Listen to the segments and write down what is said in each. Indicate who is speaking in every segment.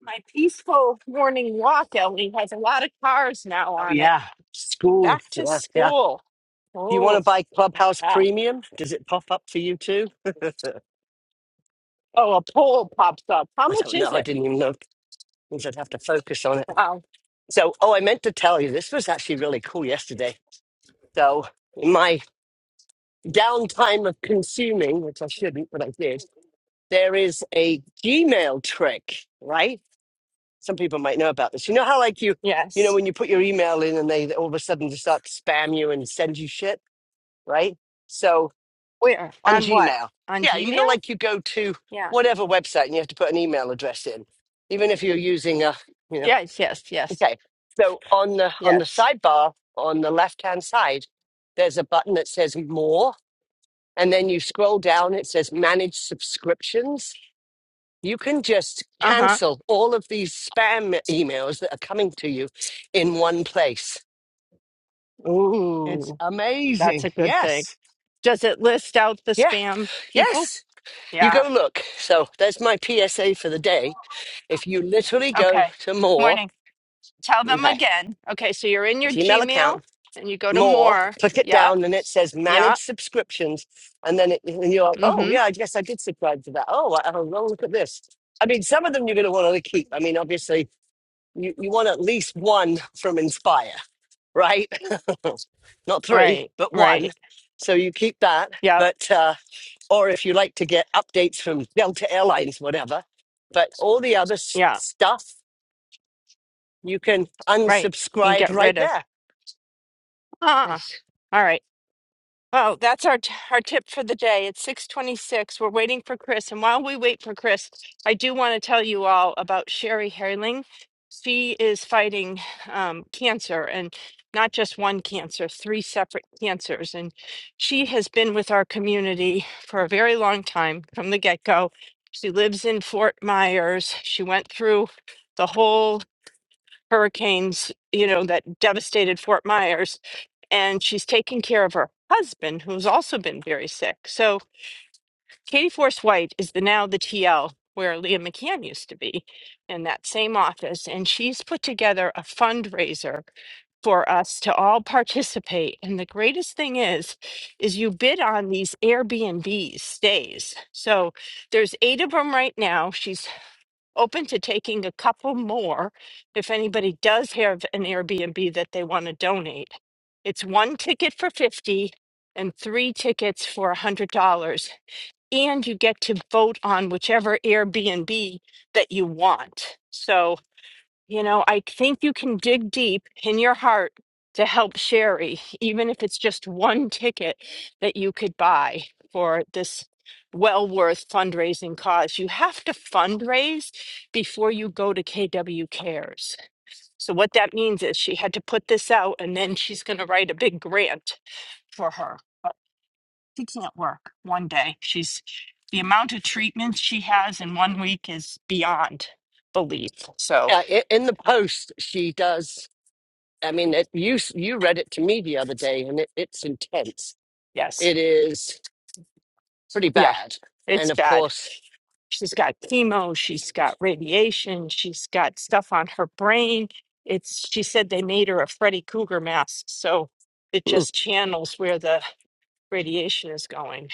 Speaker 1: My peaceful morning walk, Ellie, has a lot of cars now
Speaker 2: Oh
Speaker 1: on it.
Speaker 2: yeah, school.
Speaker 1: Back to
Speaker 2: Yeah, yeah.
Speaker 1: school.
Speaker 2: Do you want
Speaker 1: Oh,
Speaker 2: to buy Clubhouse
Speaker 1: ah.
Speaker 2: Premium? Does it pop up for you too? I
Speaker 1: oh, a poll pops up. How much
Speaker 2: don't know.
Speaker 1: is
Speaker 2: I
Speaker 1: it?
Speaker 2: didn't even know. Means I'd have to focus on it.
Speaker 1: Wow.
Speaker 2: So, oh, I meant to tell you this was actually really cool yesterday. So, in my downtime of consuming, which I shouldn't, but I did, there is a Gmail trick, right? Some people might know about this. You know how like you, you know,
Speaker 1: Yes.
Speaker 2: when you put your email in and they all of a sudden just start to spam you and send you shit, right? So
Speaker 1: Where?
Speaker 2: on
Speaker 1: On what?
Speaker 2: Gmail.
Speaker 1: On
Speaker 2: Yeah, you know,
Speaker 1: Gmail?
Speaker 2: like you go to
Speaker 1: Yeah.
Speaker 2: whatever website and you have to put an email address in, even if you're using a, you know,
Speaker 1: Yes, yes, yes,
Speaker 2: okay. So on the on the
Speaker 1: yes.
Speaker 2: sidebar on the left hand side, there's a button that says More, and then you scroll down. It says Manage Subscriptions. You can just
Speaker 1: Uh huh.
Speaker 2: cancel all of these spam emails that are coming to you in one place. It's
Speaker 1: Ooh, that's
Speaker 2: amazing.
Speaker 1: a good thing.
Speaker 2: Yes.
Speaker 1: Does it list out the
Speaker 2: Yeah.
Speaker 1: spam people?
Speaker 2: Yes. You
Speaker 1: Yeah.
Speaker 2: go look. So there's my PSA for the day. If you literally go
Speaker 1: Okay.
Speaker 2: to more,
Speaker 1: Morning. Tell them
Speaker 2: okay,
Speaker 1: again. Okay, so you're in your
Speaker 2: Gmail
Speaker 1: Gmail
Speaker 2: account,
Speaker 1: and you go to
Speaker 2: more,
Speaker 1: more.
Speaker 2: click it
Speaker 1: Yeah.
Speaker 2: down, and it says
Speaker 1: Yeah.
Speaker 2: manage subscriptions. And then it, and you're like, oh,
Speaker 1: Mm-hmm.
Speaker 2: yeah, I guess I did subscribe to that. Oh, I, oh, well, look at this. I mean, some of them you're going to want to keep. I mean, obviously, you, you want at least one from Inspire, right? Not three,
Speaker 1: Right.
Speaker 2: but one.
Speaker 1: Right.
Speaker 2: So you keep that.
Speaker 1: Yep.
Speaker 2: But, uh, or if you like to get updates from Delta Airlines, whatever. But all the other s-
Speaker 1: Yeah.
Speaker 2: stuff, you can
Speaker 1: Right. You
Speaker 2: unsubscribe
Speaker 1: get
Speaker 2: right
Speaker 1: rid of.
Speaker 2: there.
Speaker 1: Ah.
Speaker 2: Yes.
Speaker 1: All right. Well, that's our t- our tip for the day. It's 6:26. We're waiting for Chris, and while we wait for Chris, I do want to tell you all about Sherry Herling. She is fighting um, cancer, and not just one cancer, three separate cancers. And she has been with our community for a very long time from the get-go. She lives in Fort Myers. She went through the whole hurricanes, you know, that devastated Fort Myers. And she's taking care of her husband, who's also been very sick. So Katie Force White is the now the TL where Leah McCann used to be in that same office. And she's put together a fundraiser for us to all participate. And the greatest thing is, is you bid on these Airbnb stays. So there's eight of them right now. She's open to taking a couple more if anybody does have an Airbnb that they want to donate. It's one ticket for 50 and three tickets for $100 and you get to vote on whichever Airbnb that you want. So you know, I think you can dig deep in your heart to help Sherry, even if it's just one ticket that you could buy for this well worth fundraising cause. You have to fundraise before you go to KW Cares. So, what that means is she had to put this out and then she's going to write a big grant for her. But she can't work one day. She's the amount of treatments she has in one week is beyond belief. So,
Speaker 2: Uh, i- in the post, she does. I mean, it, you s- you read it to me the other day, and it, it's intense.
Speaker 1: yes.
Speaker 2: It is pretty
Speaker 1: Yeah,
Speaker 2: bad, and
Speaker 1: it's
Speaker 2: of
Speaker 1: bad.
Speaker 2: course,
Speaker 1: She's got chemo, she's got radiation, she's got stuff on her brain. It's she said they made her a Freddy Krueger mask, so it just channels where the radiation is going.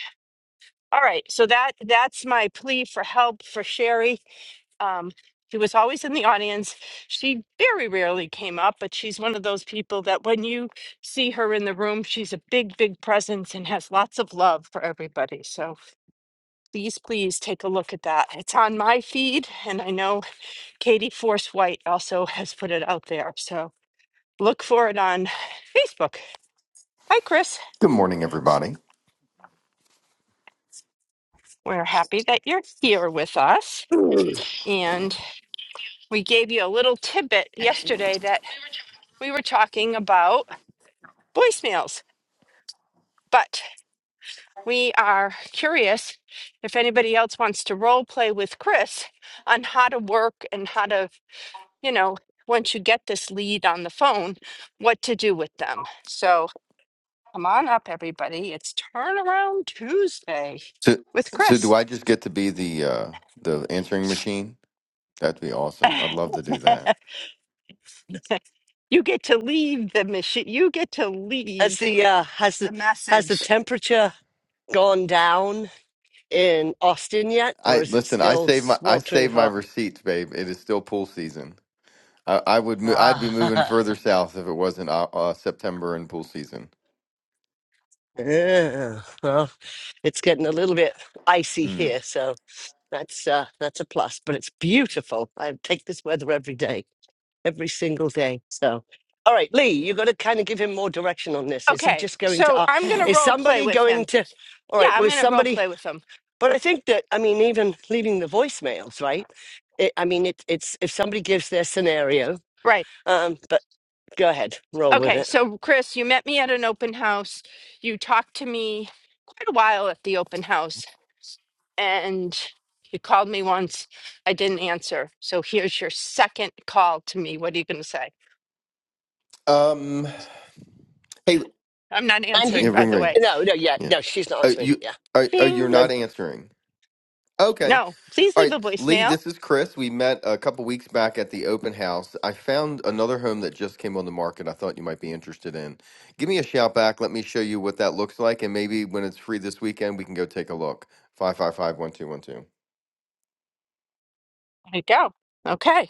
Speaker 1: All right, so that that's my plea for help for Sherry. Um, she was always in the audience. She very rarely came up, but she's one of those people that when you see her in the room, she's a big, big presence and has lots of love for everybody. So please, please take a look at that. It's on my feed, and I know Katie Force White also has put it out there. So look for it on Facebook. Hi, Chris.
Speaker 3: Good morning, everybody.
Speaker 1: We're happy that you're here with us.
Speaker 2: has
Speaker 1: And we gave you a little tidbit yesterday that we were talking about voicemails, but we are curious if anybody else wants to role play with Chris on how to work and how to you know, once you get this lead on the phone, what to do with them. So come on up, everybody. It's Turnaround Tuesday
Speaker 3: So,
Speaker 1: with
Speaker 3: so do
Speaker 1: Chris.
Speaker 3: I just get to be the uh, the answering machine? That'd be awesome. I'd love to do that.
Speaker 1: you get to leave the machine, you get to leave
Speaker 2: the uh, has the
Speaker 1: the
Speaker 2: has the
Speaker 1: message.
Speaker 2: temperature gone down in Austin yet,
Speaker 3: I
Speaker 2: or is it
Speaker 3: listen. I
Speaker 2: still
Speaker 3: save my I
Speaker 2: sweltering
Speaker 3: save my
Speaker 2: hot?
Speaker 3: receipts, babe. It is still pool season. I, I would mo- I'd be moving
Speaker 2: Ah,
Speaker 3: further south if it wasn't uh, uh, September and pool season.
Speaker 2: yeah. It's getting a little bit icy
Speaker 3: Mm.
Speaker 2: here, so that's uh, that's a plus. But it's beautiful. I take this weather every day, every single day. So, all right, Lee, you got to kind of give him more direction on this. Is he
Speaker 1: Okay,
Speaker 2: just going to?
Speaker 1: so
Speaker 2: Uh,
Speaker 1: I'm going to
Speaker 2: is
Speaker 1: role play
Speaker 2: somebody
Speaker 1: with
Speaker 2: going
Speaker 1: him.
Speaker 2: to? All
Speaker 1: Yeah,
Speaker 2: right.
Speaker 1: I'm
Speaker 2: Well, is
Speaker 1: going to role
Speaker 2: somebody?
Speaker 1: play with him.
Speaker 2: But I think that I mean, even leaving the voicemails, right? It, I mean, it, it's if somebody gives their scenario.
Speaker 1: Right.
Speaker 2: Um, but go ahead, roll with
Speaker 1: Okay,
Speaker 2: it.
Speaker 1: so Chris, you met me at an open house. You talked to me quite a while at the open house and you called me once. I didn't answer. So here's your second call to me. What are you going to say?
Speaker 3: Um. Hey.
Speaker 1: I'm not
Speaker 2: And he,
Speaker 3: Yeah.
Speaker 1: answering, by
Speaker 3: Ring.
Speaker 1: the way.
Speaker 3: Ring.
Speaker 2: no, no, yeah,
Speaker 3: Yeah.
Speaker 2: no, she's not
Speaker 3: Uh,
Speaker 2: answering.
Speaker 3: you.
Speaker 2: Yeah,
Speaker 3: Are, are you're
Speaker 1: Bing.
Speaker 2: no,
Speaker 3: not answering? Okay.
Speaker 1: No, please
Speaker 3: All
Speaker 1: leave a
Speaker 3: right, Lee,
Speaker 1: voicemail.
Speaker 3: this is Chris. We met a couple weeks back at the open house. I found another home that just came on the market I thought you might be interested in. Give me a shout back. Let me show you what that looks like. And maybe when it's free this weekend, we can go take a look. Five five five one two one two.
Speaker 1: There you go. Okay.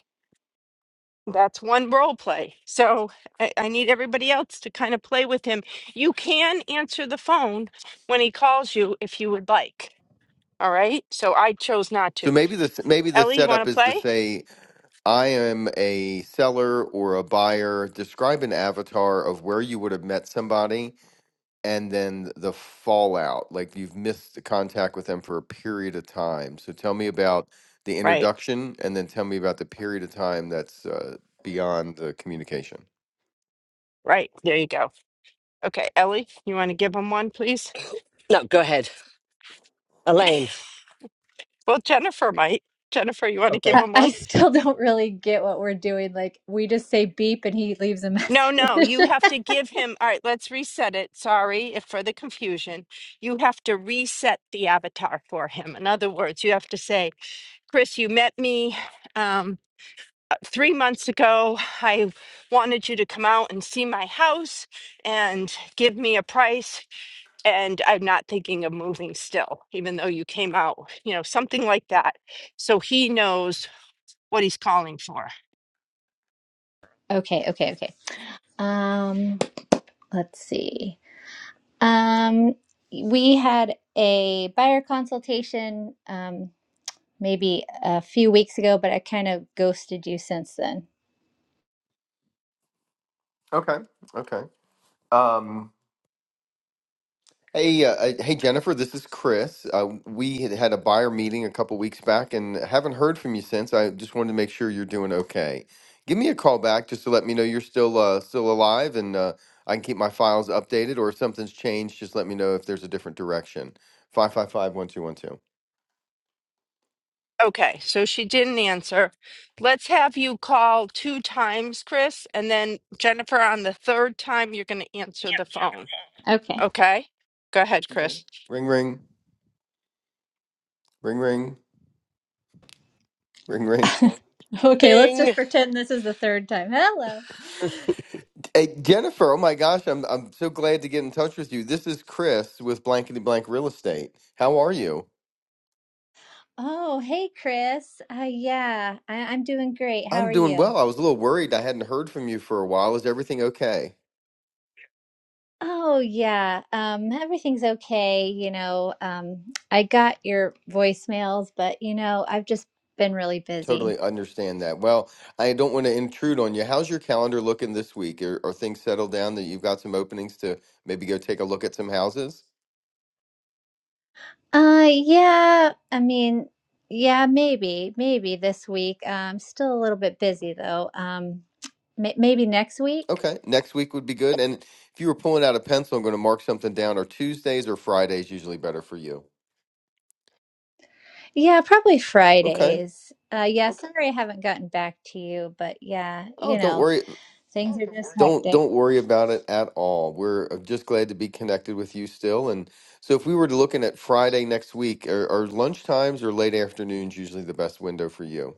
Speaker 1: That's one role play. So I, I need everybody else to kind of play with him. You can answer the phone when he calls you if you would like. All right. So I chose not
Speaker 3: So
Speaker 1: to.
Speaker 3: maybe this maybe the
Speaker 1: Ellie, you
Speaker 3: setup
Speaker 1: want to
Speaker 3: is to
Speaker 1: play?
Speaker 3: say I am a seller or a buyer. Describe an avatar of where you would have met somebody and then the fallout like you've missed the contact with them for a period of time so tell me about the
Speaker 1: Right.
Speaker 3: introduction and then tell me about the period of time that's uh, beyond the communication
Speaker 1: Right. There you go. Okay. Ellie, you want to give him one, please?
Speaker 2: no, go ahead, Elaine.
Speaker 1: Well, Jennifer might. Jennifer, you want to give
Speaker 2: Okay,
Speaker 4: I,
Speaker 1: him
Speaker 4: I
Speaker 1: one?
Speaker 4: still don't really get what we're doing. Like we just say beep and he leaves a
Speaker 1: No,
Speaker 4: message.
Speaker 1: no, you have to give him. All right, let's reset it. Sorry if for the confusion. You have to reset the avatar for him. In other words, you have to say, Chris, you met me um, uh, three months ago. I wanted you to come out and see my house and give me a price. And I'm not thinking of moving still, even though you came out, you know, something like that. So he knows what he's calling for.
Speaker 4: okay, okay, okay. Um, let's see. Um, we had a buyer consultation um maybe a few weeks ago, but I kind of ghosted you since then.
Speaker 3: okay okay Um, Hey, uh, uh, hey Jennifer, this is Chris. Uh, we had had a buyer meeting a couple weeks back and haven't heard from you since. I just wanted to make sure you're doing okay. Give me a call back just to let me know you're still uh, still alive and uh, I can keep my files updated or if something's changed, just let me know if there's a different direction. Five five five one two one two.
Speaker 1: Okay, so she didn't answer. Let's have you call two times, Chris, and then Jennifer, on the third time, you're going to answer the phone.
Speaker 4: Okay.
Speaker 1: Okay? Go ahead,
Speaker 3: Okay.
Speaker 1: Chris.
Speaker 3: Ring ring, ring ring, ring ring.
Speaker 4: Okay, let's
Speaker 2: Bing.
Speaker 4: just pretend this is the third time. Hello.
Speaker 3: Hey Jennifer, oh my gosh, I'm I'm so glad to get in touch with you. This is Chris with Blankety Blank Real Estate. How are you?
Speaker 4: Oh, hey Chris. Uh yeah, I I'm doing great. How
Speaker 3: I'm
Speaker 4: are
Speaker 3: doing
Speaker 4: you?
Speaker 3: well. I was a little worried. I hadn't heard from you for a while. Is everything okay?
Speaker 4: Oh yeah, um, everything's okay. You know, um, I got your voicemails, but you know, I've just been really busy.
Speaker 3: Totally understand that. Well, I don't want to intrude on you. How's your calendar looking this week? Are, are things settled down that you've got some openings to maybe go take a look at some houses?
Speaker 4: Uh, yeah, I mean, yeah, maybe, maybe this week. Uh, I'm still a little bit busy though. Um, may maybe next week.
Speaker 3: Okay, next week would be good. And if you were pulling out a pencil, I'm going to mark something down. Are Tuesdays or Fridays usually better for you?
Speaker 4: Yeah, probably
Speaker 3: Okay.
Speaker 4: Fridays. Uh, yeah, Okay. sorry I haven't gotten back to you, but yeah,
Speaker 3: Oh,
Speaker 4: you
Speaker 3: don't
Speaker 4: know,
Speaker 3: worry.
Speaker 4: things Oh, are just
Speaker 3: Don't
Speaker 4: hectic.
Speaker 3: don't worry about it at all. We're uh, just glad to be connected with you still. And so, if we were looking at Friday next week, are, are lunchtimes or late afternoons usually the best window for you?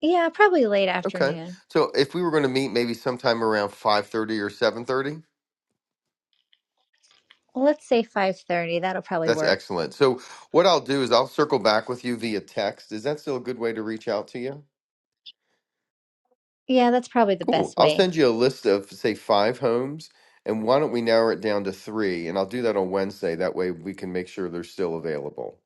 Speaker 4: Yeah, probably late
Speaker 3: Okay.
Speaker 4: afternoon.
Speaker 3: So if we were going to meet maybe sometime around five thirty or seven thirty,
Speaker 4: Let's say 5:30. That'll probably
Speaker 3: that's
Speaker 4: work.
Speaker 3: excellent. So what I'll do is I'll circle back with you via text. Is that still a good way to reach out to you?
Speaker 4: Yeah, that's probably the
Speaker 3: Cool.
Speaker 4: best
Speaker 3: I'll
Speaker 4: way.
Speaker 3: send you a list of say five homes. And why don't we narrow it down to three? And I'll do that on Wednesday. That way we can make sure they're still available.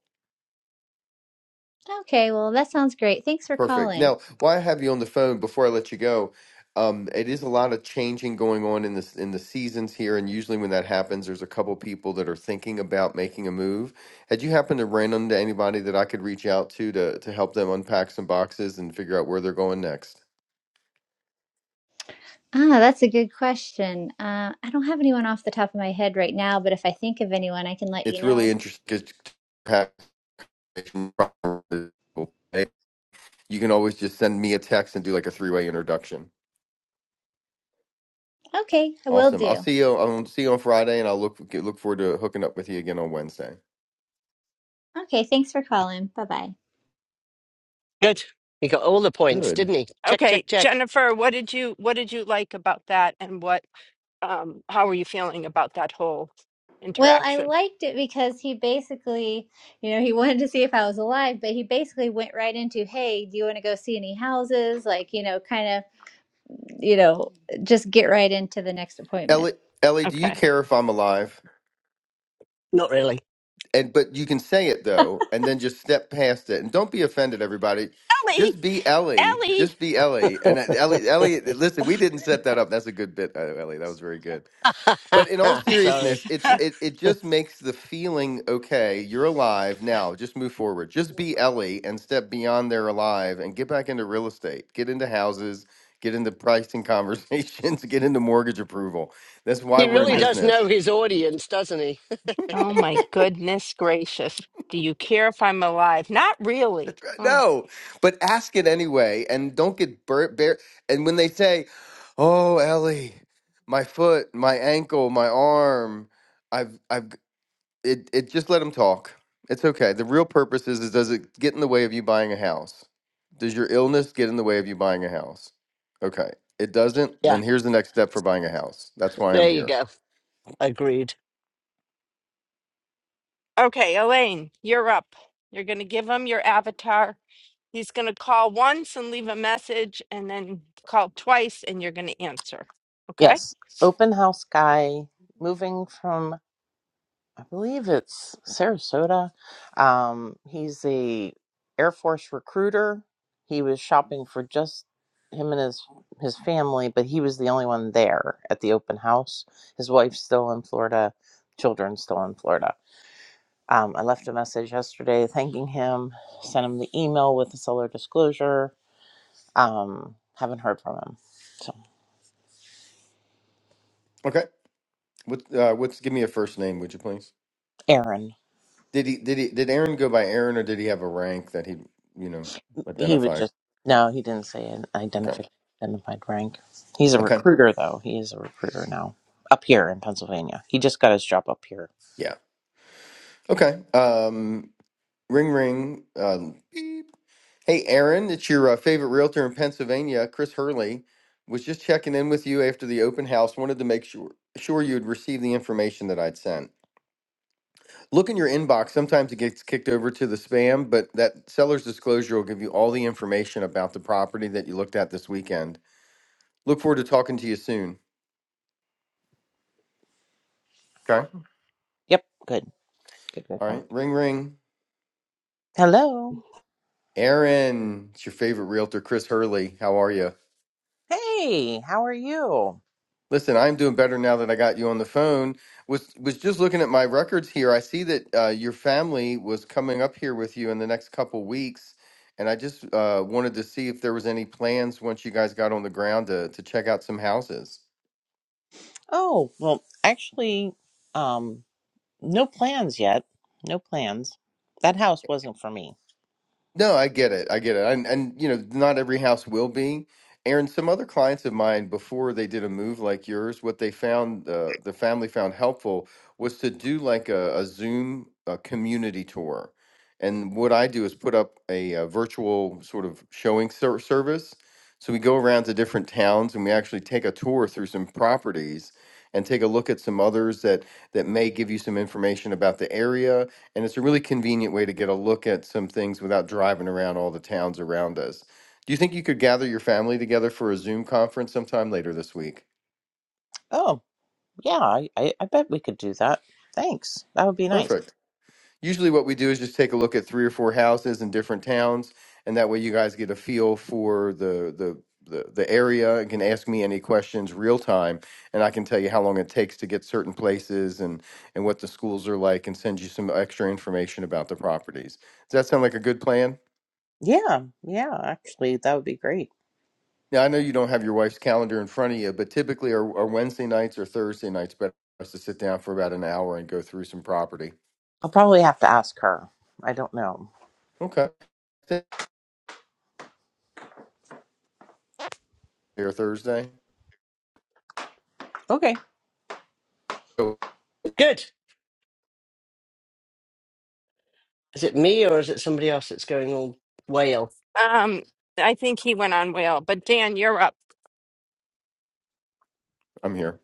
Speaker 4: Okay, well, that sounds great. Thanks for
Speaker 3: Perfect.
Speaker 4: calling.
Speaker 3: Now, while I have you on the phone, before I let you go, um, it is a lot of changing going on in this in the seasons here, and usually when that happens, there's a couple people that are thinking about making a move. Had you happened to run into anybody that I could reach out to to to help them unpack some boxes and figure out where they're going next?
Speaker 4: Ah, that's a good question. Uh, I don't have anyone off the top of my head right now, but if I think of anyone, I can let you
Speaker 3: It's really
Speaker 4: know.
Speaker 3: interesting. 'cause You can always just send me a text and do like a three way introduction.
Speaker 4: Okay, I will
Speaker 3: Awesome. I'll
Speaker 4: do.
Speaker 3: see you. I'll see you on Friday, and I'll look look forward to hooking up with you again on Wednesday.
Speaker 4: Okay, thanks for calling. Bye bye.
Speaker 2: Good. He got all the points,
Speaker 3: Good.
Speaker 2: didn't he? Check, check,
Speaker 1: Okay,
Speaker 2: check.
Speaker 1: Jennifer, what did you what did you like about that and what um how were you feeling about that whole
Speaker 4: Well, I
Speaker 1: interaction?
Speaker 4: liked it because he basically, you know, he wanted to see if I was alive, but he basically went right into, hey, do you want to go see any houses? Like, you know, kind of, you know, just get right into the next appointment.
Speaker 3: Ellie, Ellie, do you
Speaker 1: Okay.
Speaker 3: care if I'm alive?
Speaker 2: Not really.
Speaker 3: And but you can say it though, and then just step past it, and don't be offended, everybody.
Speaker 1: Ellie,
Speaker 3: Just be Ellie.
Speaker 1: Ellie.
Speaker 3: Just be Ellie. And uh, Ellie, Ellie, listen, we didn't set that up. That's a good bit, uh, Ellie. That was very good. But in all
Speaker 2: Sorry.
Speaker 3: seriousness, it's it it just makes the feeling okay. You're alive now. Just move forward. Just be Ellie and step beyond they're alive and get back into real estate. Get into houses. Get into pricing conversations. Get into mortgage approval. That's why
Speaker 2: He
Speaker 1: oh
Speaker 3: we're in
Speaker 2: really
Speaker 1: my
Speaker 2: does know
Speaker 3: business.
Speaker 2: his audience, doesn't he?
Speaker 1: oh my goodness gracious. Do you care if I'm alive? Not really.
Speaker 3: That's right.
Speaker 1: Oh.
Speaker 3: No, but ask it anyway, and don't get burnt. Bare- and when they say, "Oh, Ellie, my foot, my ankle, my arm," I've, I've, it, it just let them talk. It's okay. The real purpose is, is does it get in the way of you buying a house? Does your illness get in the way of you buying a house? Okay. It doesn't.
Speaker 2: Yeah,
Speaker 3: Then here's the next step for buying a house. That's why
Speaker 2: there
Speaker 3: I'm
Speaker 2: you
Speaker 3: here.
Speaker 2: go. Agreed.
Speaker 1: Okay, Elaine, you're up. You're going to give him your avatar. He's going to call once and leave a message and then call twice and you're going to answer. Okay?
Speaker 5: Yes, open house guy moving from I believe it's Sarasota. Um, he's a Air Force recruiter. He was shopping for just him and his his family, but he was the only one there at the open house. His wife's still in Florida, children still in Florida. Um, I left a message yesterday thanking him, sent him the email with the seller disclosure. Um, haven't heard from him. So,
Speaker 3: Okay. What? Uh, what's? Give me a first name, would you please?
Speaker 5: Aaron.
Speaker 3: Did he did he did Aaron go by Aaron or did he have a rank that he you know
Speaker 5: He was
Speaker 3: identified?
Speaker 5: just no, he didn't say an
Speaker 3: Okay.
Speaker 5: identified identified rank. He's a
Speaker 3: Okay.
Speaker 5: recruiter though. He is a recruiter now. Up here in Pennsylvania. He just got his job up here.
Speaker 3: Yeah. Okay. Um ring ring uh, beep. Hey Aaron, it's your uh, favorite realtor in Pennsylvania, Chris Hurley. Was just checking in with you after the open house. Wanted to make sure sure you'd received the information that I'd sent. Look in your inbox. Sometimes it gets kicked over to the spam, but that seller's disclosure will give you all the information about the property that you looked at this weekend. Look forward to talking to you soon. Okay.
Speaker 5: Yep, good. Good, good,
Speaker 3: All
Speaker 5: good.
Speaker 3: right, ring ring.
Speaker 5: Hello.
Speaker 3: Aaron, it's your favorite realtor, Chris Hurley. How are you?
Speaker 5: Hey, how are you?
Speaker 3: Listen, I'm doing better now that I got you on the phone. Was was just looking at my records here. I see that uh, your family was coming up here with you in the next couple weeks, and I just uh, wanted to see if there was any plans once you guys got on the ground to to check out some houses.
Speaker 5: Oh, well, actually, um, no plans yet. No plans. That house wasn't for me.
Speaker 3: No, I get it. I get it. And and you know, not every house will be. Aaron, some other clients of mine before they did a move like yours, what they found uh, the family found helpful was to do like a, a Zoom a community tour. And what I do is put up a, uh virtual sort of showing ser- service. So we go around to different towns and we actually take a tour through some properties and take a look at some others that that may give you some information about the area and it's a really convenient way to get a look at some things without driving around all the towns around us. Do you think you could gather your family together for a Zoom conference sometime later this week?
Speaker 5: Oh, yeah, I, I, I bet we could do that. Thanks. That would be nice.
Speaker 3: Perfect. Usually, what we do is just take a look at three or four houses in different towns, and that way you guys get a feel for the the the, the area and can ask me any questions real time, and I can tell you how long it takes to get certain places and and what the schools are like, and send you some extra information about the properties. Does that sound like a good plan?
Speaker 5: Yeah, yeah, actually, that would be great.
Speaker 3: Now, I know you don't have your wife's calendar in front of you, but typically are, are Wednesday nights or Thursday nights better for us to sit down for about an hour and go through some property?
Speaker 5: I'll probably have to ask her. I don't know.
Speaker 3: Okay. Thursday or Thursday?
Speaker 5: Okay.
Speaker 3: Oh,
Speaker 2: Good. Is it me or is it somebody else that's going all whale?
Speaker 1: Um I think he went on whale, but Dan, you're up.
Speaker 3: I'm here.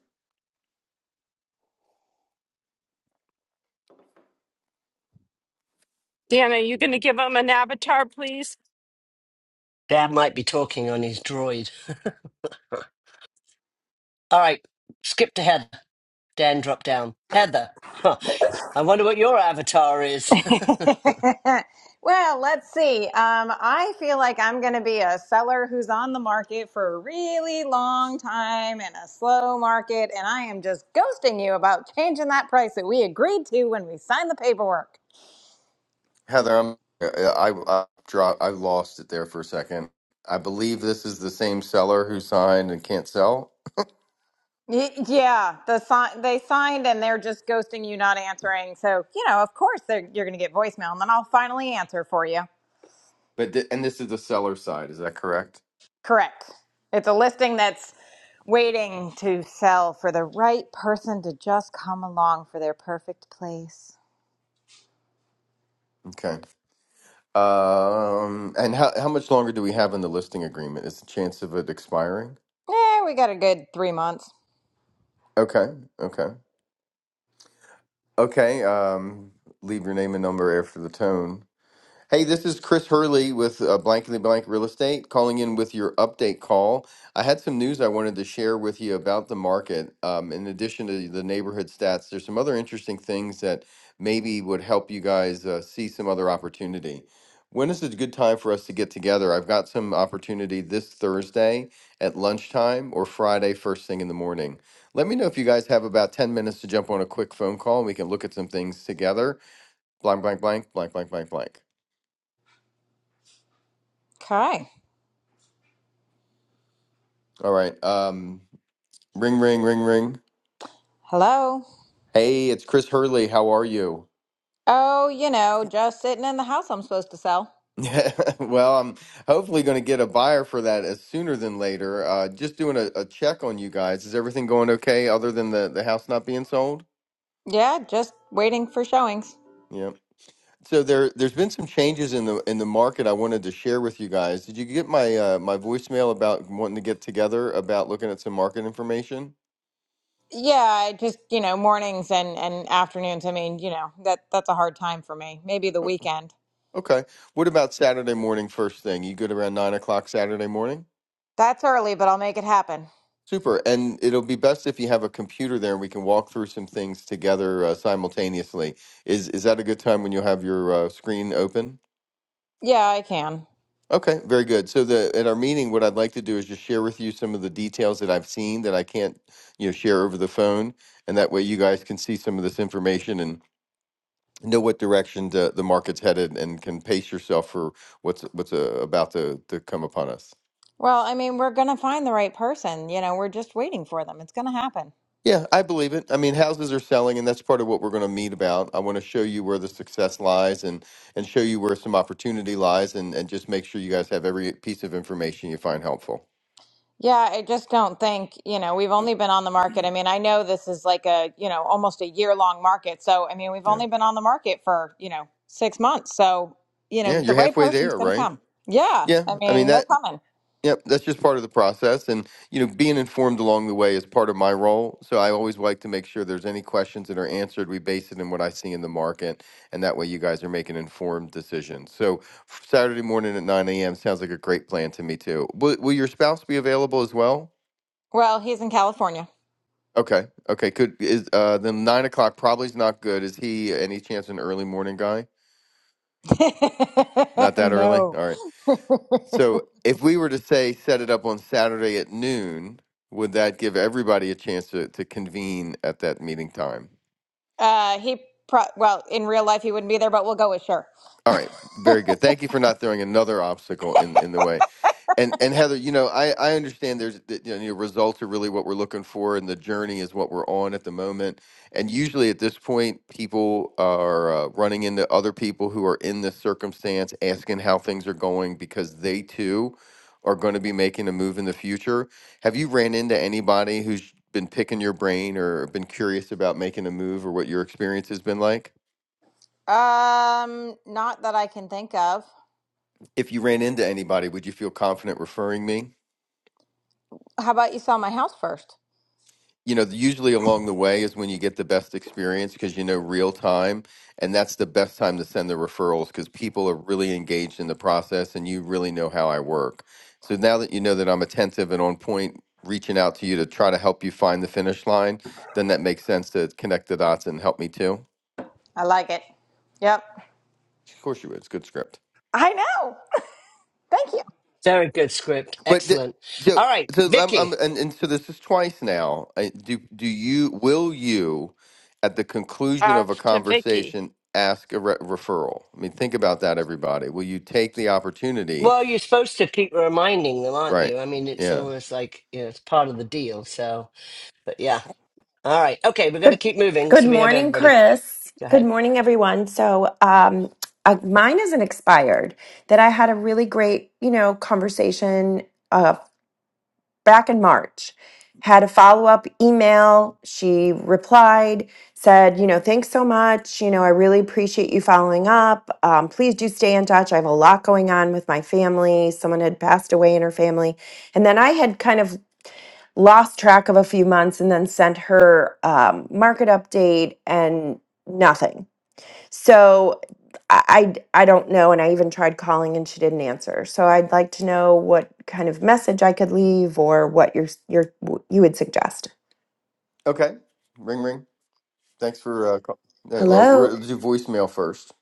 Speaker 1: Dan, are you going to give him an avatar please?
Speaker 2: Dan might be talking on his droid. All right, skip to Heather. Dan, drop down. Heather. Huh. I wonder what your avatar is.
Speaker 6: well, let's see. Um, I feel like I'm going to be a seller who's on the market for a really long time in a slow market, and I am just ghosting you about changing that price that we agreed to when we signed the paperwork.
Speaker 3: Heather, I'm, uh, I, I, dropped, I lost it there for a second. I believe this is the same seller who signed and can't sell,
Speaker 6: Y- yeah, the si- they signed and they're just ghosting you, not answering. So you know, of course, they're- you're going to get voicemail, and then I'll finally answer for you.
Speaker 3: but th- and this is the seller side. Is that correct?
Speaker 6: Correct. It's a listing that's waiting to sell for the right person to just come along for their perfect place.
Speaker 3: Okay. Um, and how, how much longer do we have in the listing agreement? Is the chance of it expiring?
Speaker 6: Yeah, we got a good three months.
Speaker 3: Okay. Okay. Okay, um, leave your name and number after the tone. Hey, this is Chris Hurley with uh, Blankly Blank Real Estate calling in with your update call. I had some news I wanted to share with you about the market. Um, in addition to the neighborhood stats, there's some other interesting things that maybe would help you guys uh, see some other opportunity. When is a good time for us to get together? I've got some opportunity this Thursday at lunchtime or Friday first thing in the morning. Let me know if you guys have about 10 minutes to jump on a quick phone call and we can look at some things together. Blank, blank, blank, blank, blank, blank, blank.
Speaker 6: Okay.
Speaker 3: All right. Um, ring, ring, ring, ring.
Speaker 6: Hello.
Speaker 3: Hey, it's Chris Hurley. How are you?
Speaker 6: Oh, you know, just sitting in the house I'm supposed to sell.
Speaker 3: well, I'm hopefully going to get a buyer for that as sooner than later. Uh, just doing a, a check on you guys. Is everything going okay other than the, the house not being sold?
Speaker 6: Yeah, just waiting for showings.
Speaker 3: Yeah. So there, there's been some changes in the in the market. I wanted to share with you guys. Did you get my uh, my voicemail about wanting to get together about looking at some market information?
Speaker 6: Yeah, I just, you know, mornings and, and afternoons. I mean, you know, that that's a hard time for me. Maybe the
Speaker 3: O-
Speaker 6: weekend.
Speaker 3: Okay. What about Saturday morning first thing? You good around nine o'clock Saturday morning?
Speaker 6: That's early, but I'll make it happen.
Speaker 3: Super. And it'll be best if you have a computer there and we can walk through some things together uh, simultaneously. Is is that a good time when you have your uh, screen open?
Speaker 6: Yeah, I can.
Speaker 3: Okay, very good. So the at our meeting, what I'd like to do is just share with you some of the details that I've seen that I can't, you know, share over the phone, and that way you guys can see some of this information and know what direction the, the market's headed and can pace yourself for what's what's uh, about to, to come upon us.
Speaker 6: Well, I mean, we're going to find the right person. You know, we're just waiting for them. It's going to happen.
Speaker 3: Yeah, I believe it. I mean, houses are selling, and that's part of what we're going to meet about. I want to show you where the success lies, and and show you where some opportunity lies, and and just make sure you guys have every piece of information you find helpful.
Speaker 6: Yeah, I just don't think, you know, we've only been on the market. I mean, I know this is like a, you know, almost a year long market. So, I mean, we've
Speaker 3: Yeah,
Speaker 6: only been on the market for, you know, six months. So, you
Speaker 3: yeah,
Speaker 6: know, the
Speaker 3: you're
Speaker 6: right
Speaker 3: halfway
Speaker 6: person's
Speaker 3: there,
Speaker 6: going to
Speaker 3: right?
Speaker 6: come. Yeah,
Speaker 3: Yeah,
Speaker 6: I
Speaker 3: I mean
Speaker 6: mean, they're
Speaker 3: that.
Speaker 6: coming.
Speaker 3: Yep, that's just part of the process. And, you know, being informed along the way is part of my role. So I always like to make sure there's any questions that are answered. We base it in what I see in the market. And that way you guys are making informed decisions. So f- Saturday morning at 9 a.m. sounds like a great plan to me, too. Will, will your spouse be available as well?
Speaker 6: Well, he's in California.
Speaker 3: Okay. Okay. Could is uh then nine o'clock probably is not good. Is he any chance an early morning guy? Not that early?
Speaker 6: no.
Speaker 3: All right. So if we were to say set it up on Saturday at noon, would that give everybody a chance to, to convene at that meeting time?
Speaker 6: Uh, he pro- well, in real life he wouldn't be there, but we'll go with sure.
Speaker 3: All right, very good. Thank you for not throwing another obstacle in in the way. And and Heather, you know, I I understand there's that, you know, your results are really what we're looking for, and the journey is what we're on at the moment. And usually at this point, people are uh, running into other people who are in this circumstance, asking how things are going because they too are going to be making a move in the future. Have you ran into anybody who's been picking your brain or been curious about making a move or what your experience has been like?
Speaker 6: Um, not that I can think of.
Speaker 3: if you ran into anybody, would you feel confident referring me?
Speaker 6: How about you sell my house first?
Speaker 3: You know, usually along the way is when you get the best experience because you know real time, and that's the best time to send the referrals because people are really engaged in the process and you really know how I work. So now that you know that I'm attentive and on point, reaching out to you to try to help you find the finish line, then that makes sense to connect the dots and help me too.
Speaker 6: I like it. Yep.
Speaker 3: Of course, you would. It's good script.
Speaker 6: I know. Thank you.
Speaker 2: Very good script.
Speaker 3: But the,
Speaker 2: Excellent.
Speaker 3: so,
Speaker 2: All right,
Speaker 3: so I'm, I'm
Speaker 2: Vicky.
Speaker 3: and, and so this is twice now. I- Do do you will you at the conclusion of a
Speaker 1: Off to Vicky.
Speaker 3: conversation ask a re- referral? I mean, think about that, everybody. Will you take the opportunity?
Speaker 2: Well, you're supposed to keep reminding them, aren't
Speaker 3: Right.
Speaker 2: you? I mean, it's
Speaker 3: Yeah.
Speaker 2: almost like you know, it's part of the deal. So, but yeah. All right. Okay, we're going to
Speaker 7: Good
Speaker 2: keep moving.
Speaker 7: good
Speaker 2: So we have
Speaker 7: morning,
Speaker 2: everybody.
Speaker 7: Chris.
Speaker 2: Go
Speaker 7: Good
Speaker 2: ahead.
Speaker 7: morning, everyone. So, um, uh, mine isn't expired. That I had a really great, you know, conversation uh, back in March. Had a follow up email. She replied, said, you know, thanks so much. You know, I really appreciate you following up. Um, please do stay in touch. I have a lot going on with my family. Someone had passed away in her family, and then I had kind of lost track of a few months and then sent her um, market update and nothing. So I, I I don't know, and I even tried calling and she didn't answer. So I'd like to know what kind of message I could leave or what your your you would suggest.
Speaker 3: Okay. Ring ring. Thanks for uh, call. No, or
Speaker 7: Hello.
Speaker 3: we'll do voicemail first.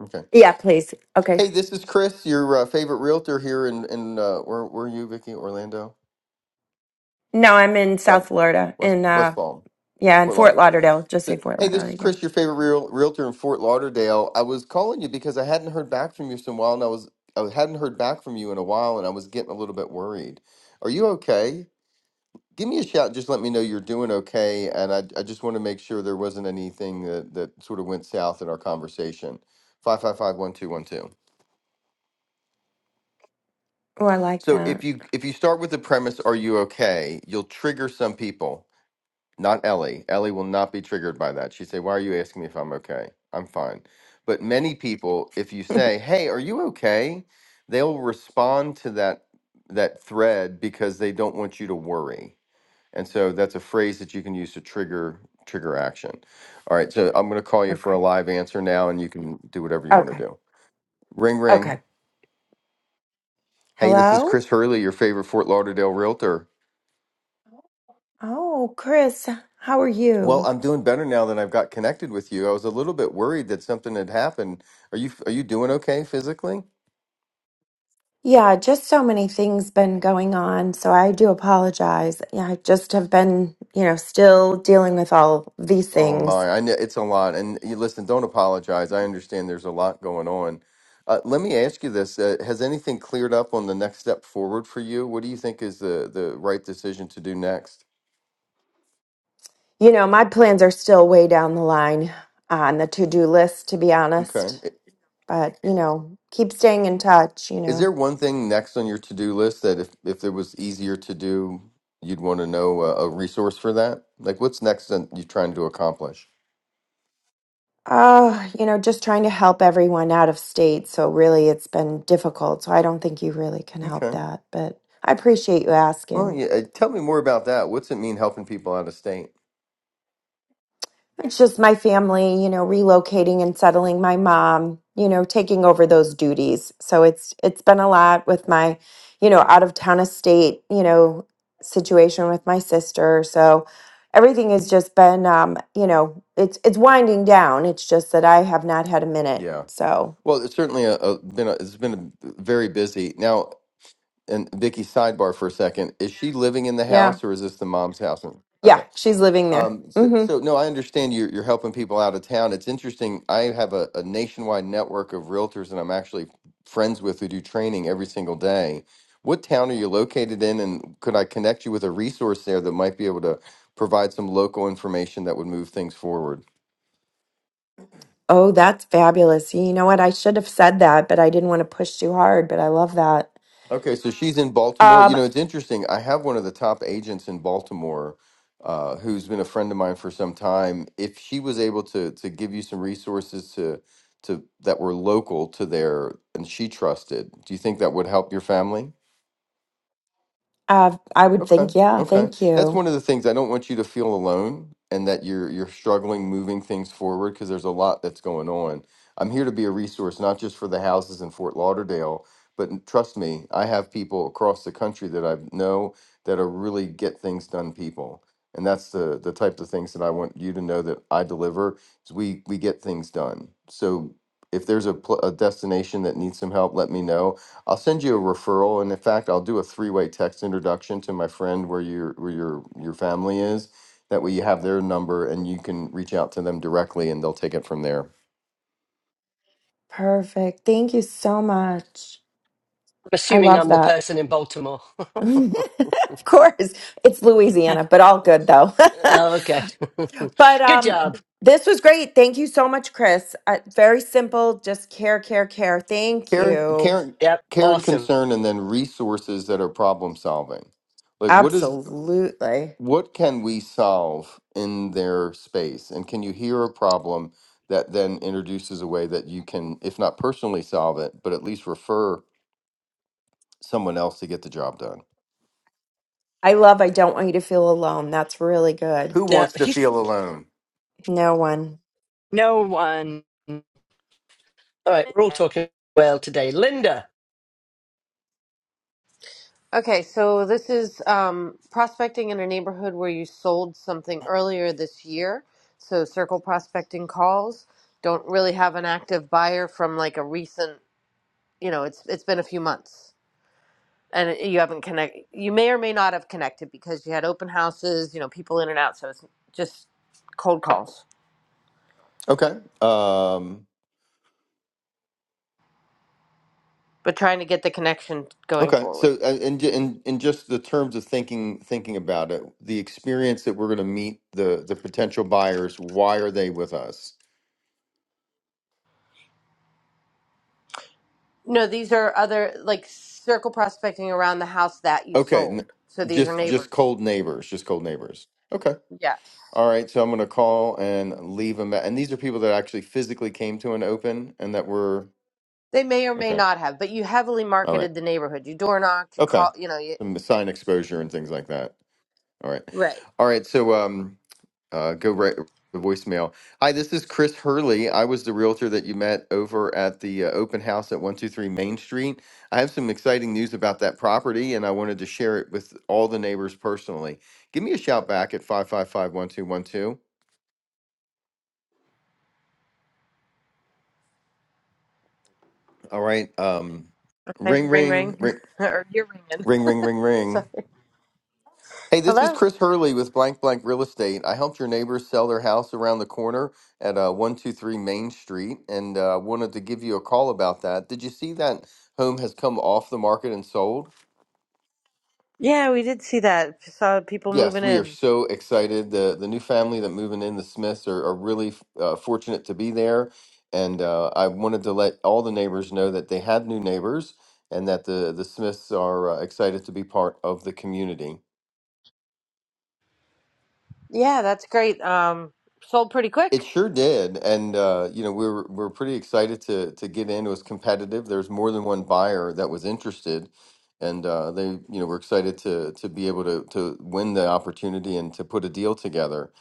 Speaker 3: Okay.
Speaker 7: Yeah, please. Okay.
Speaker 3: Hey, this is Chris, your uh, favorite realtor here in in uh, where where are you, Vicky? Orlando,
Speaker 7: No, I'm in South
Speaker 3: South
Speaker 7: Florida,
Speaker 3: West
Speaker 7: in
Speaker 3: West
Speaker 7: uh,
Speaker 3: Palm.
Speaker 7: yeah, in
Speaker 3: Fort
Speaker 7: Fort
Speaker 3: Lauderdale.
Speaker 7: Lauderdale. Just
Speaker 3: So,
Speaker 7: say Fort
Speaker 3: hey, this is
Speaker 7: Lauderdale. Yeah.
Speaker 3: Chris, your favorite real, realtor in Fort Lauderdale. I was calling you because I hadn't heard back from you in a while, and I was I hadn't heard back from you in a while, and I was getting a little bit worried. Are you okay? Give me a shout. Just let me know you're doing okay, and I I just want to make sure there wasn't anything that that sort of went south in our conversation. Five five five one two one two.
Speaker 7: Oh, I like
Speaker 3: So if
Speaker 7: that.
Speaker 3: you if you start with the premise, are you okay? You'll trigger some people Not Ellie. Ellie will not be triggered by that. She'd say, Why are you asking me if I'm okay? I'm fine. But many people, if you say, Hey, are you okay? They'll respond to that that thread because they don't want you to worry. And so that's a phrase that you can use to trigger trigger action. All right, so I'm gonna call you for
Speaker 7: Okay.
Speaker 3: a live answer now and you can do whatever you want to
Speaker 7: Okay.
Speaker 3: do. Ring
Speaker 7: Okay.
Speaker 3: ring. Hey, this is
Speaker 7: Hello?
Speaker 3: Chris Hurley, your favorite Fort Lauderdale realtor.
Speaker 7: Oh, Chris, how are
Speaker 3: Well,
Speaker 7: you?
Speaker 3: I'm doing better now that I've got connected with you. I was a little bit worried that something had happened. Are you are you doing okay physically?
Speaker 7: Yeah, just so many things been going on, so I do apologize. Yeah, I just have been, you know, still dealing with all these
Speaker 3: Oh
Speaker 7: things.
Speaker 3: my, I know it's a lot. And you listen, don't apologize. I understand there's a lot going on. Uh, let me ask you this: uh, Has anything cleared up on the next step forward for you? What do you think is the the right decision to do next?
Speaker 7: You know, my plans are still way down the line on the to do list, to be
Speaker 3: Okay.
Speaker 7: honest.
Speaker 3: I-
Speaker 7: But, you know, keep staying in touch, you
Speaker 3: Is
Speaker 7: know.
Speaker 3: there one thing next on your to do list that if if there was easier to do, you'd want to know a, a resource for that? Like, what's next that you're trying to accomplish?
Speaker 7: Uh, you know, just trying to help everyone out of state. So, really, it's been difficult. So, I don't think you really can help
Speaker 3: Okay.
Speaker 7: that. But I appreciate you
Speaker 3: Well,
Speaker 7: asking.
Speaker 3: yeah. uh, Tell me more about that. What's it mean helping people out of state?
Speaker 7: It's just my family, you know, relocating and settling my mom, you know, taking over those duties. So it's it's been a lot with my, you know, out of town estate, you know, situation with my sister. So everything has just been um, you know, it's it's winding down. It's just that I have not had a minute.
Speaker 3: Yeah.
Speaker 7: So,
Speaker 3: Well, it's certainly a, a been a, it's been a very busy now. And Vicky, sidebar for a second. Is she living in the
Speaker 7: yeah.
Speaker 3: house or is this the mom's house? And- Okay.
Speaker 7: Yeah, she's living there.
Speaker 3: Um, so,
Speaker 7: Mhm.
Speaker 3: so no, I understand you're you're helping people out of town. It's interesting. I have a, a nationwide network of realtors, and I'm actually friends with who do training every single day. What town are you located in, and could I connect you with a resource there that might be able to provide some local information that would move things forward?
Speaker 7: Oh, that's fabulous. You know what? I should have said that, but I didn't want to push too hard, but I love that.
Speaker 3: Okay, so she's in Baltimore. You
Speaker 7: Um,
Speaker 3: know, it's interesting. I have one of the top agents in Baltimore uh, who's been a friend of mine for some time. If she was able to to give you some resources to to that were local to there and she trusted, do you think that would help your family?
Speaker 7: uh, I would
Speaker 3: Okay.
Speaker 7: think, yeah,
Speaker 3: Okay.
Speaker 7: thank
Speaker 3: That's
Speaker 7: you.
Speaker 3: one of the things I don't want you to feel alone and that you're you're struggling moving things forward because there's a lot that's going on. I'm here to be a resource not just for the houses in Fort Lauderdale, but n- trust me, I have people across the country that I know that are really get things done people. And that's the the type of things that I want you to know that I deliver is we we get things done. So if there's a, pl- a destination that needs some help, let me know. I'll send you a referral, and in fact, I'll do a three-way text introduction to my friend where your where your your family is. That way, you have their number, and you can reach out to them directly, and they'll take it from there.
Speaker 7: Perfect. Thank you so much.
Speaker 2: I'm
Speaker 7: I
Speaker 2: assuming
Speaker 7: love
Speaker 2: I'm the
Speaker 7: that.
Speaker 2: person in Baltimore.
Speaker 7: of course. It's Louisiana, but all good though.
Speaker 2: oh, okay.
Speaker 7: but
Speaker 2: Good
Speaker 7: um
Speaker 2: job.
Speaker 7: this was great. Thank you so much, Chris. Uh, very simple, just care, care, care. Thank
Speaker 3: Karen,
Speaker 7: you.
Speaker 3: Karen,
Speaker 2: Yep.
Speaker 3: Karen,
Speaker 2: Awesome.
Speaker 3: concern, and then resources that are problem solving. Like, what is
Speaker 7: Absolutely.
Speaker 3: what can we solve in their space, and can you hear a problem that then introduces a way that you can, if not personally solve it, but at least refer someone else to get the job done?
Speaker 7: I love I don't want you to feel alone. That's really good.
Speaker 3: Who
Speaker 2: Yeah.
Speaker 3: wants to
Speaker 2: He's
Speaker 3: feel alone?
Speaker 7: No one.
Speaker 1: No one.
Speaker 2: all right. We're all talking well today. Linda,
Speaker 8: Okay, so this is um, prospecting in a neighborhood where you sold something earlier this year. So circle prospecting calls. Don't really have an active buyer from like a recent, you know, it's it's been a few months and it- you haven't connect. You may or may not have connected because you had open houses, you know, people in and out. So it's just cold calls,
Speaker 3: Okay. Um,
Speaker 8: but trying to get the connection going
Speaker 3: okay.
Speaker 8: forward.
Speaker 3: So, uh, and in in just the terms of thinking thinking about it, the experience that we're going to meet the the potential buyers. Why are they with us?
Speaker 8: No, these are other like circle prospecting around the house that you
Speaker 3: Okay. n-
Speaker 8: sold. So these are
Speaker 3: Just just
Speaker 8: neighbors.
Speaker 3: cold neighbors. Just cold neighbors. Okay.
Speaker 8: Yes.
Speaker 3: All right. So I'm going to call and leave them. And these are people that actually physically came to an open and that were
Speaker 8: They may or may
Speaker 3: okay.
Speaker 8: not have, but you heavily
Speaker 3: All right.
Speaker 8: marketed the neighborhood. You door knocked, you
Speaker 3: Okay.
Speaker 8: call, you know, you
Speaker 3: Some sign exposure and things like that. All right.
Speaker 8: Right.
Speaker 3: All right. So um. uh, go right the voicemail. Hi, this is Chris Hurley. I was the realtor that you met over at the uh, open house at 123 Main Street. I have some exciting news about that property and I wanted to share it with all the neighbors personally. Give me a shout back at five five five one two one two. All right. Um,
Speaker 8: Okay.
Speaker 3: ring,
Speaker 8: ring
Speaker 3: ring,
Speaker 8: ring,
Speaker 3: ring,
Speaker 8: or you're ringing.
Speaker 3: ring, ring, ring,
Speaker 8: So,
Speaker 3: ring. Hey, this is
Speaker 8: hello.
Speaker 3: Chris Hurley with Blank Blank Real Estate. I helped your neighbors sell their house around the corner at uh, 123 Main Street and uh, wanted to give you a call about that. Did you see that home has come off the market and sold?
Speaker 8: Yeah, we did see that. Saw people
Speaker 3: Yes,
Speaker 8: moving
Speaker 3: we are
Speaker 8: in.
Speaker 3: so excited. The, the new family that moving in, the Smiths, are, are really uh, fortunate to be there. And uh, I wanted to let all the neighbors know that they had new neighbors and that the, the Smiths are uh, excited to be part of the community.
Speaker 8: Yeah, that's great. Um, sold pretty quick.
Speaker 3: It sure did, and uh, you know we were we we're pretty excited to to get in. It was competitive. There's more than one buyer that was interested, and uh, they you know were excited to to be able to to win the opportunity and to put a deal together.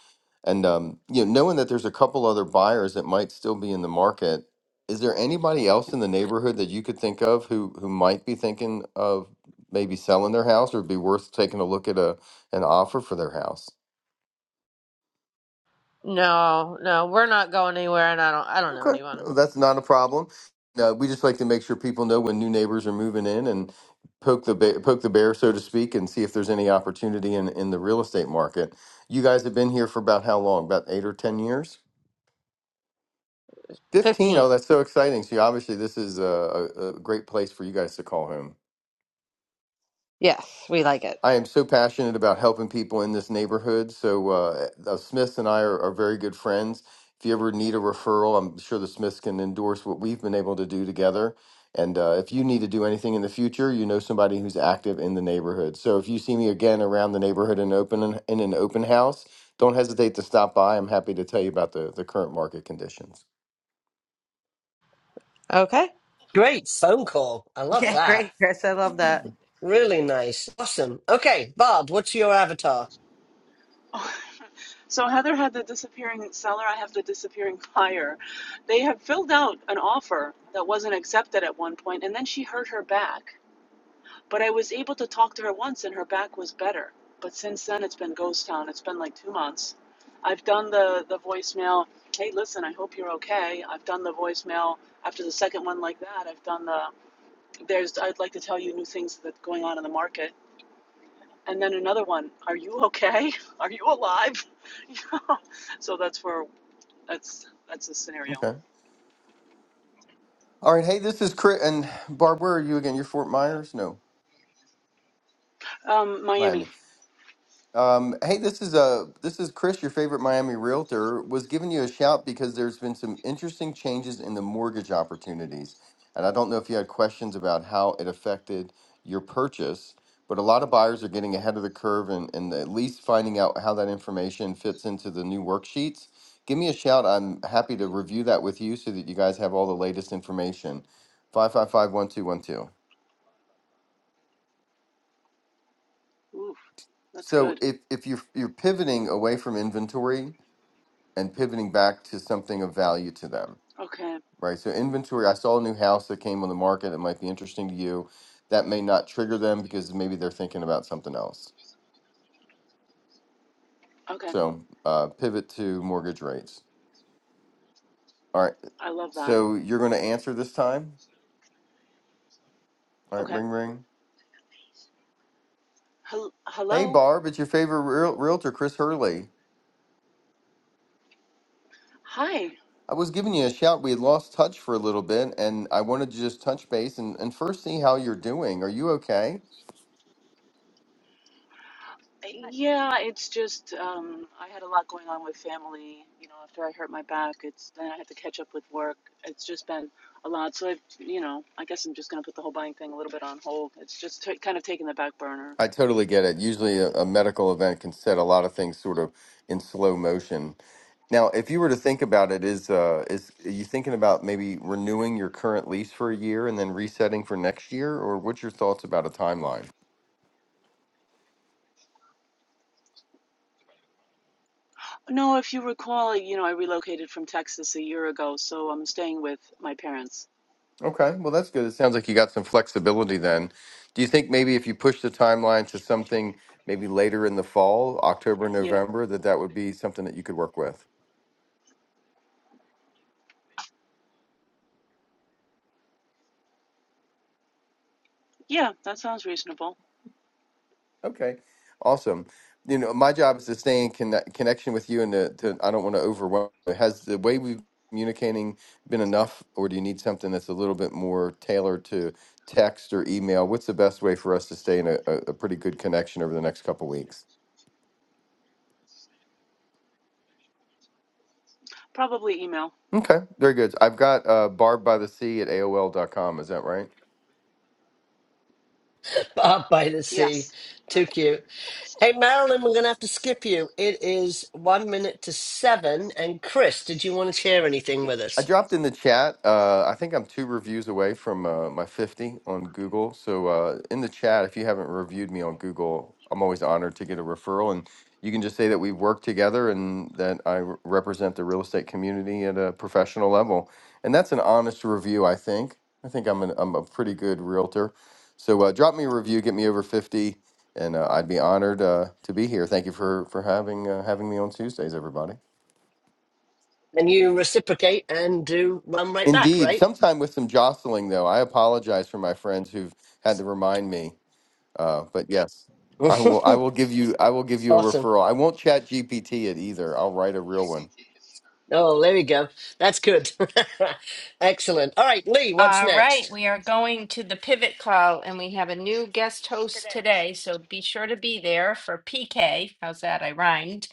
Speaker 3: And um, you know, knowing that there's a couple other buyers that might still be in the market, is there anybody else in the neighborhood that you could think of who who might be thinking of maybe selling their house or be worth taking a look at a an offer for their house?
Speaker 8: No, no, we're not going anywhere, and I don't, I don't know
Speaker 3: Okay,
Speaker 8: anyone.
Speaker 3: no, that's not a problem. No, we just like to make sure people know when new neighbors are moving in and poke the ba- poke the bear, so to speak, and see if there's any opportunity in in the real estate market. You guys have been here for about how long? About eight or ten years? Fifteen. Oh,
Speaker 8: Fifteen.
Speaker 3: that's so exciting. So you- obviously, this is a, a, a great place for you guys to call home.
Speaker 8: Yes, we like it.
Speaker 3: I am so passionate about helping people in this neighborhood. So uh, the Smiths and I are, are very good friends. If you ever need a referral, I'm sure the Smiths can endorse what we've been able to do together. And uh, if you need to do anything in the future, you know somebody who's active in the neighborhood. So if you see me again around the neighborhood in open in an open house, don't hesitate to stop by. I'm happy to tell you about the the current market conditions.
Speaker 8: Okay.
Speaker 2: great phone call. I love
Speaker 8: Yeah,
Speaker 2: that.
Speaker 8: great, Chris. I love that.
Speaker 2: Really nice. Awesome. Okay, Bob, what's your avatar?
Speaker 9: So Heather had the disappearing seller, I have the disappearing buyer. They had filled out an offer that wasn't accepted at one point, and then she hurt her back. But I was able to talk to her once, and her back was better. But since then, it's been ghost town. It's been like two months. I've done the, the voicemail, hey, listen, I hope you're okay. I've done the voicemail after the second one like that. I've done the, there's, I'd like to tell you new things that's going on in the market and then another one are you okay are you alive you know so that's where that's that's the scenario
Speaker 3: Okay. All right. Hey, this is Chris and Barb. Where are you again? You're Fort Myers? No,
Speaker 9: um
Speaker 3: Miami.
Speaker 9: miami
Speaker 3: Um, hey, this is uh, this is Chris, your favorite Miami realtor, was giving you a shout because there's been some interesting changes in the mortgage opportunities, and I don't know if you had questions about how it affected your purchase, but a lot of buyers are getting ahead of the curve and, and at least finding out how that information fits into the new worksheets. Give me a shout. I'm happy to review that with you so that you guys have all the latest information. Five five five one two one two.
Speaker 9: ooh that's
Speaker 3: So
Speaker 9: good
Speaker 3: if if you're you're pivoting away from inventory and pivoting back to something of value to them,
Speaker 9: okay
Speaker 3: right? So inventory, I saw a new house that came on the market that might be interesting to you. That may not trigger them because maybe they're thinking about something else.
Speaker 9: okay
Speaker 3: So uh, pivot to mortgage rates. All right.
Speaker 9: i love that
Speaker 3: So you're going to answer this time. All right.
Speaker 9: okay
Speaker 3: Ring, ring.
Speaker 9: Hel-
Speaker 3: Hey,
Speaker 9: hello
Speaker 3: Barb, it's your favorite real- realtor, Chris Hurley.
Speaker 9: hi
Speaker 3: I was giving you a shout. We had lost touch for a little bit, and I wanted to just touch base and, and first see how you're doing. Are you okay?
Speaker 9: yeah it's just um i had a lot going on with family you know after i hurt my back it's then i had to catch up with work it's just been a lot so i've you know i guess i'm just going to put the whole buying thing a little bit on hold it's just t- kind of taking the back burner
Speaker 3: I totally get it. Usually, a, a medical event can set a lot of things sort of in slow motion. Now, if you were to think about it, is uh, is are you thinking about maybe renewing your current lease for a year and then resetting for next year, or what's your thoughts about a timeline?
Speaker 9: No, if you recall, you know, I relocated from Texas a year ago, so I'm staying with my parents.
Speaker 3: Okay, well, that's good. It sounds like you got some flexibility then. Do you think maybe if you push the timeline to something maybe later in the fall, October,
Speaker 9: Yeah.
Speaker 3: November, that that would be something that you could work with?
Speaker 9: Yeah, that sounds reasonable.
Speaker 3: Okay, awesome. You know, my job is to stay in conne- connection with you, and to, to I don't want to overwhelm. Has the way we've communicating been enough, or do you need something that's a little bit more tailored to text or email? What's the best way for us to stay in a, a, a pretty good connection over the next couple weeks?
Speaker 9: Probably email.
Speaker 3: Okay, very good. I've got uh, Barb by the Sea at AOL dot com. Is that right?
Speaker 2: Bob by the sea.
Speaker 9: Yes. that's.
Speaker 2: Too cute. Hey, Marilyn, we're going to have to skip you. It is one minute to seven. And Chris, did you want to share anything with
Speaker 3: I
Speaker 2: us?
Speaker 3: dropped in the chat. Uh, I think I'm two reviews away from uh, my 50 on Google. So uh, in the chat, if you haven't reviewed me on Google, I'm always honored to get a referral. And you can just say that we work together and that I re- represent the real estate community at a professional level. And that's an honest review, I think. I think I'm, an, I'm a pretty good realtor. So uh, drop me a review, get me over 50, and uh, I'd be honored uh, to be here. Thank you for, for having, uh, having me on Tuesdays, everybody.
Speaker 2: And you reciprocate and do run right back,
Speaker 3: Indeed,
Speaker 2: right?
Speaker 3: sometime with some jostling, though. I apologize for my friends who've had to remind me. Uh, but yes, I will. I will give you. I will give you a
Speaker 2: awesome.
Speaker 3: referral. I won't chat GPT it either. I'll write a real one.
Speaker 2: Oh, there we go. That's good. Excellent. All right, Lee, what's
Speaker 1: All right,
Speaker 2: next?
Speaker 1: we are going to the pivot call, and we have a new guest host today, so be sure to be there for PK. How's that? I rhymed.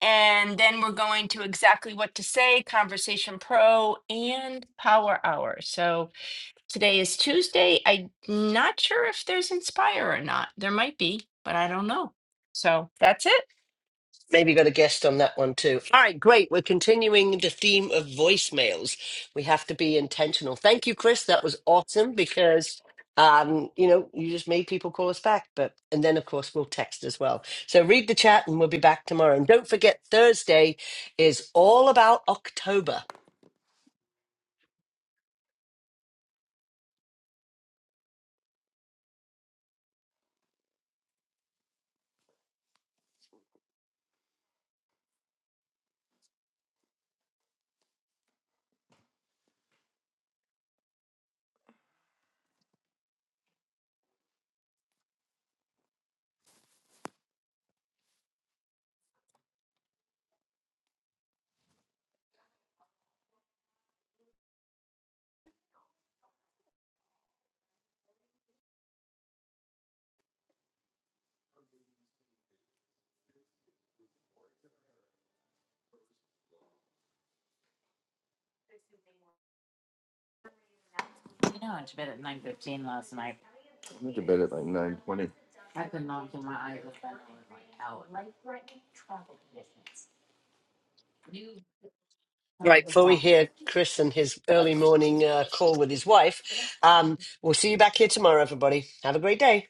Speaker 1: And then we're going to exactly what to say, Conversation Pro, and Power Hour. So today is Tuesday. I'm not sure if there's Inspire or not. There might be, but I don't know. So that's it.
Speaker 2: Maybe got a guest on that one too. All right, great. We're continuing the theme of voicemails. We have to be intentional. Thank you, Chris. That was awesome because, um, you know, you just made people call us back. But and then of course we'll text as well. So read the chat, and we'll be back tomorrow. And don't forget Thursday is all about October.
Speaker 3: I'm going to bed at like 9:20.
Speaker 2: Right, before we hear Chris and his early morning uh, call with his wife, um, we'll see you back here tomorrow, everybody. Have a great day.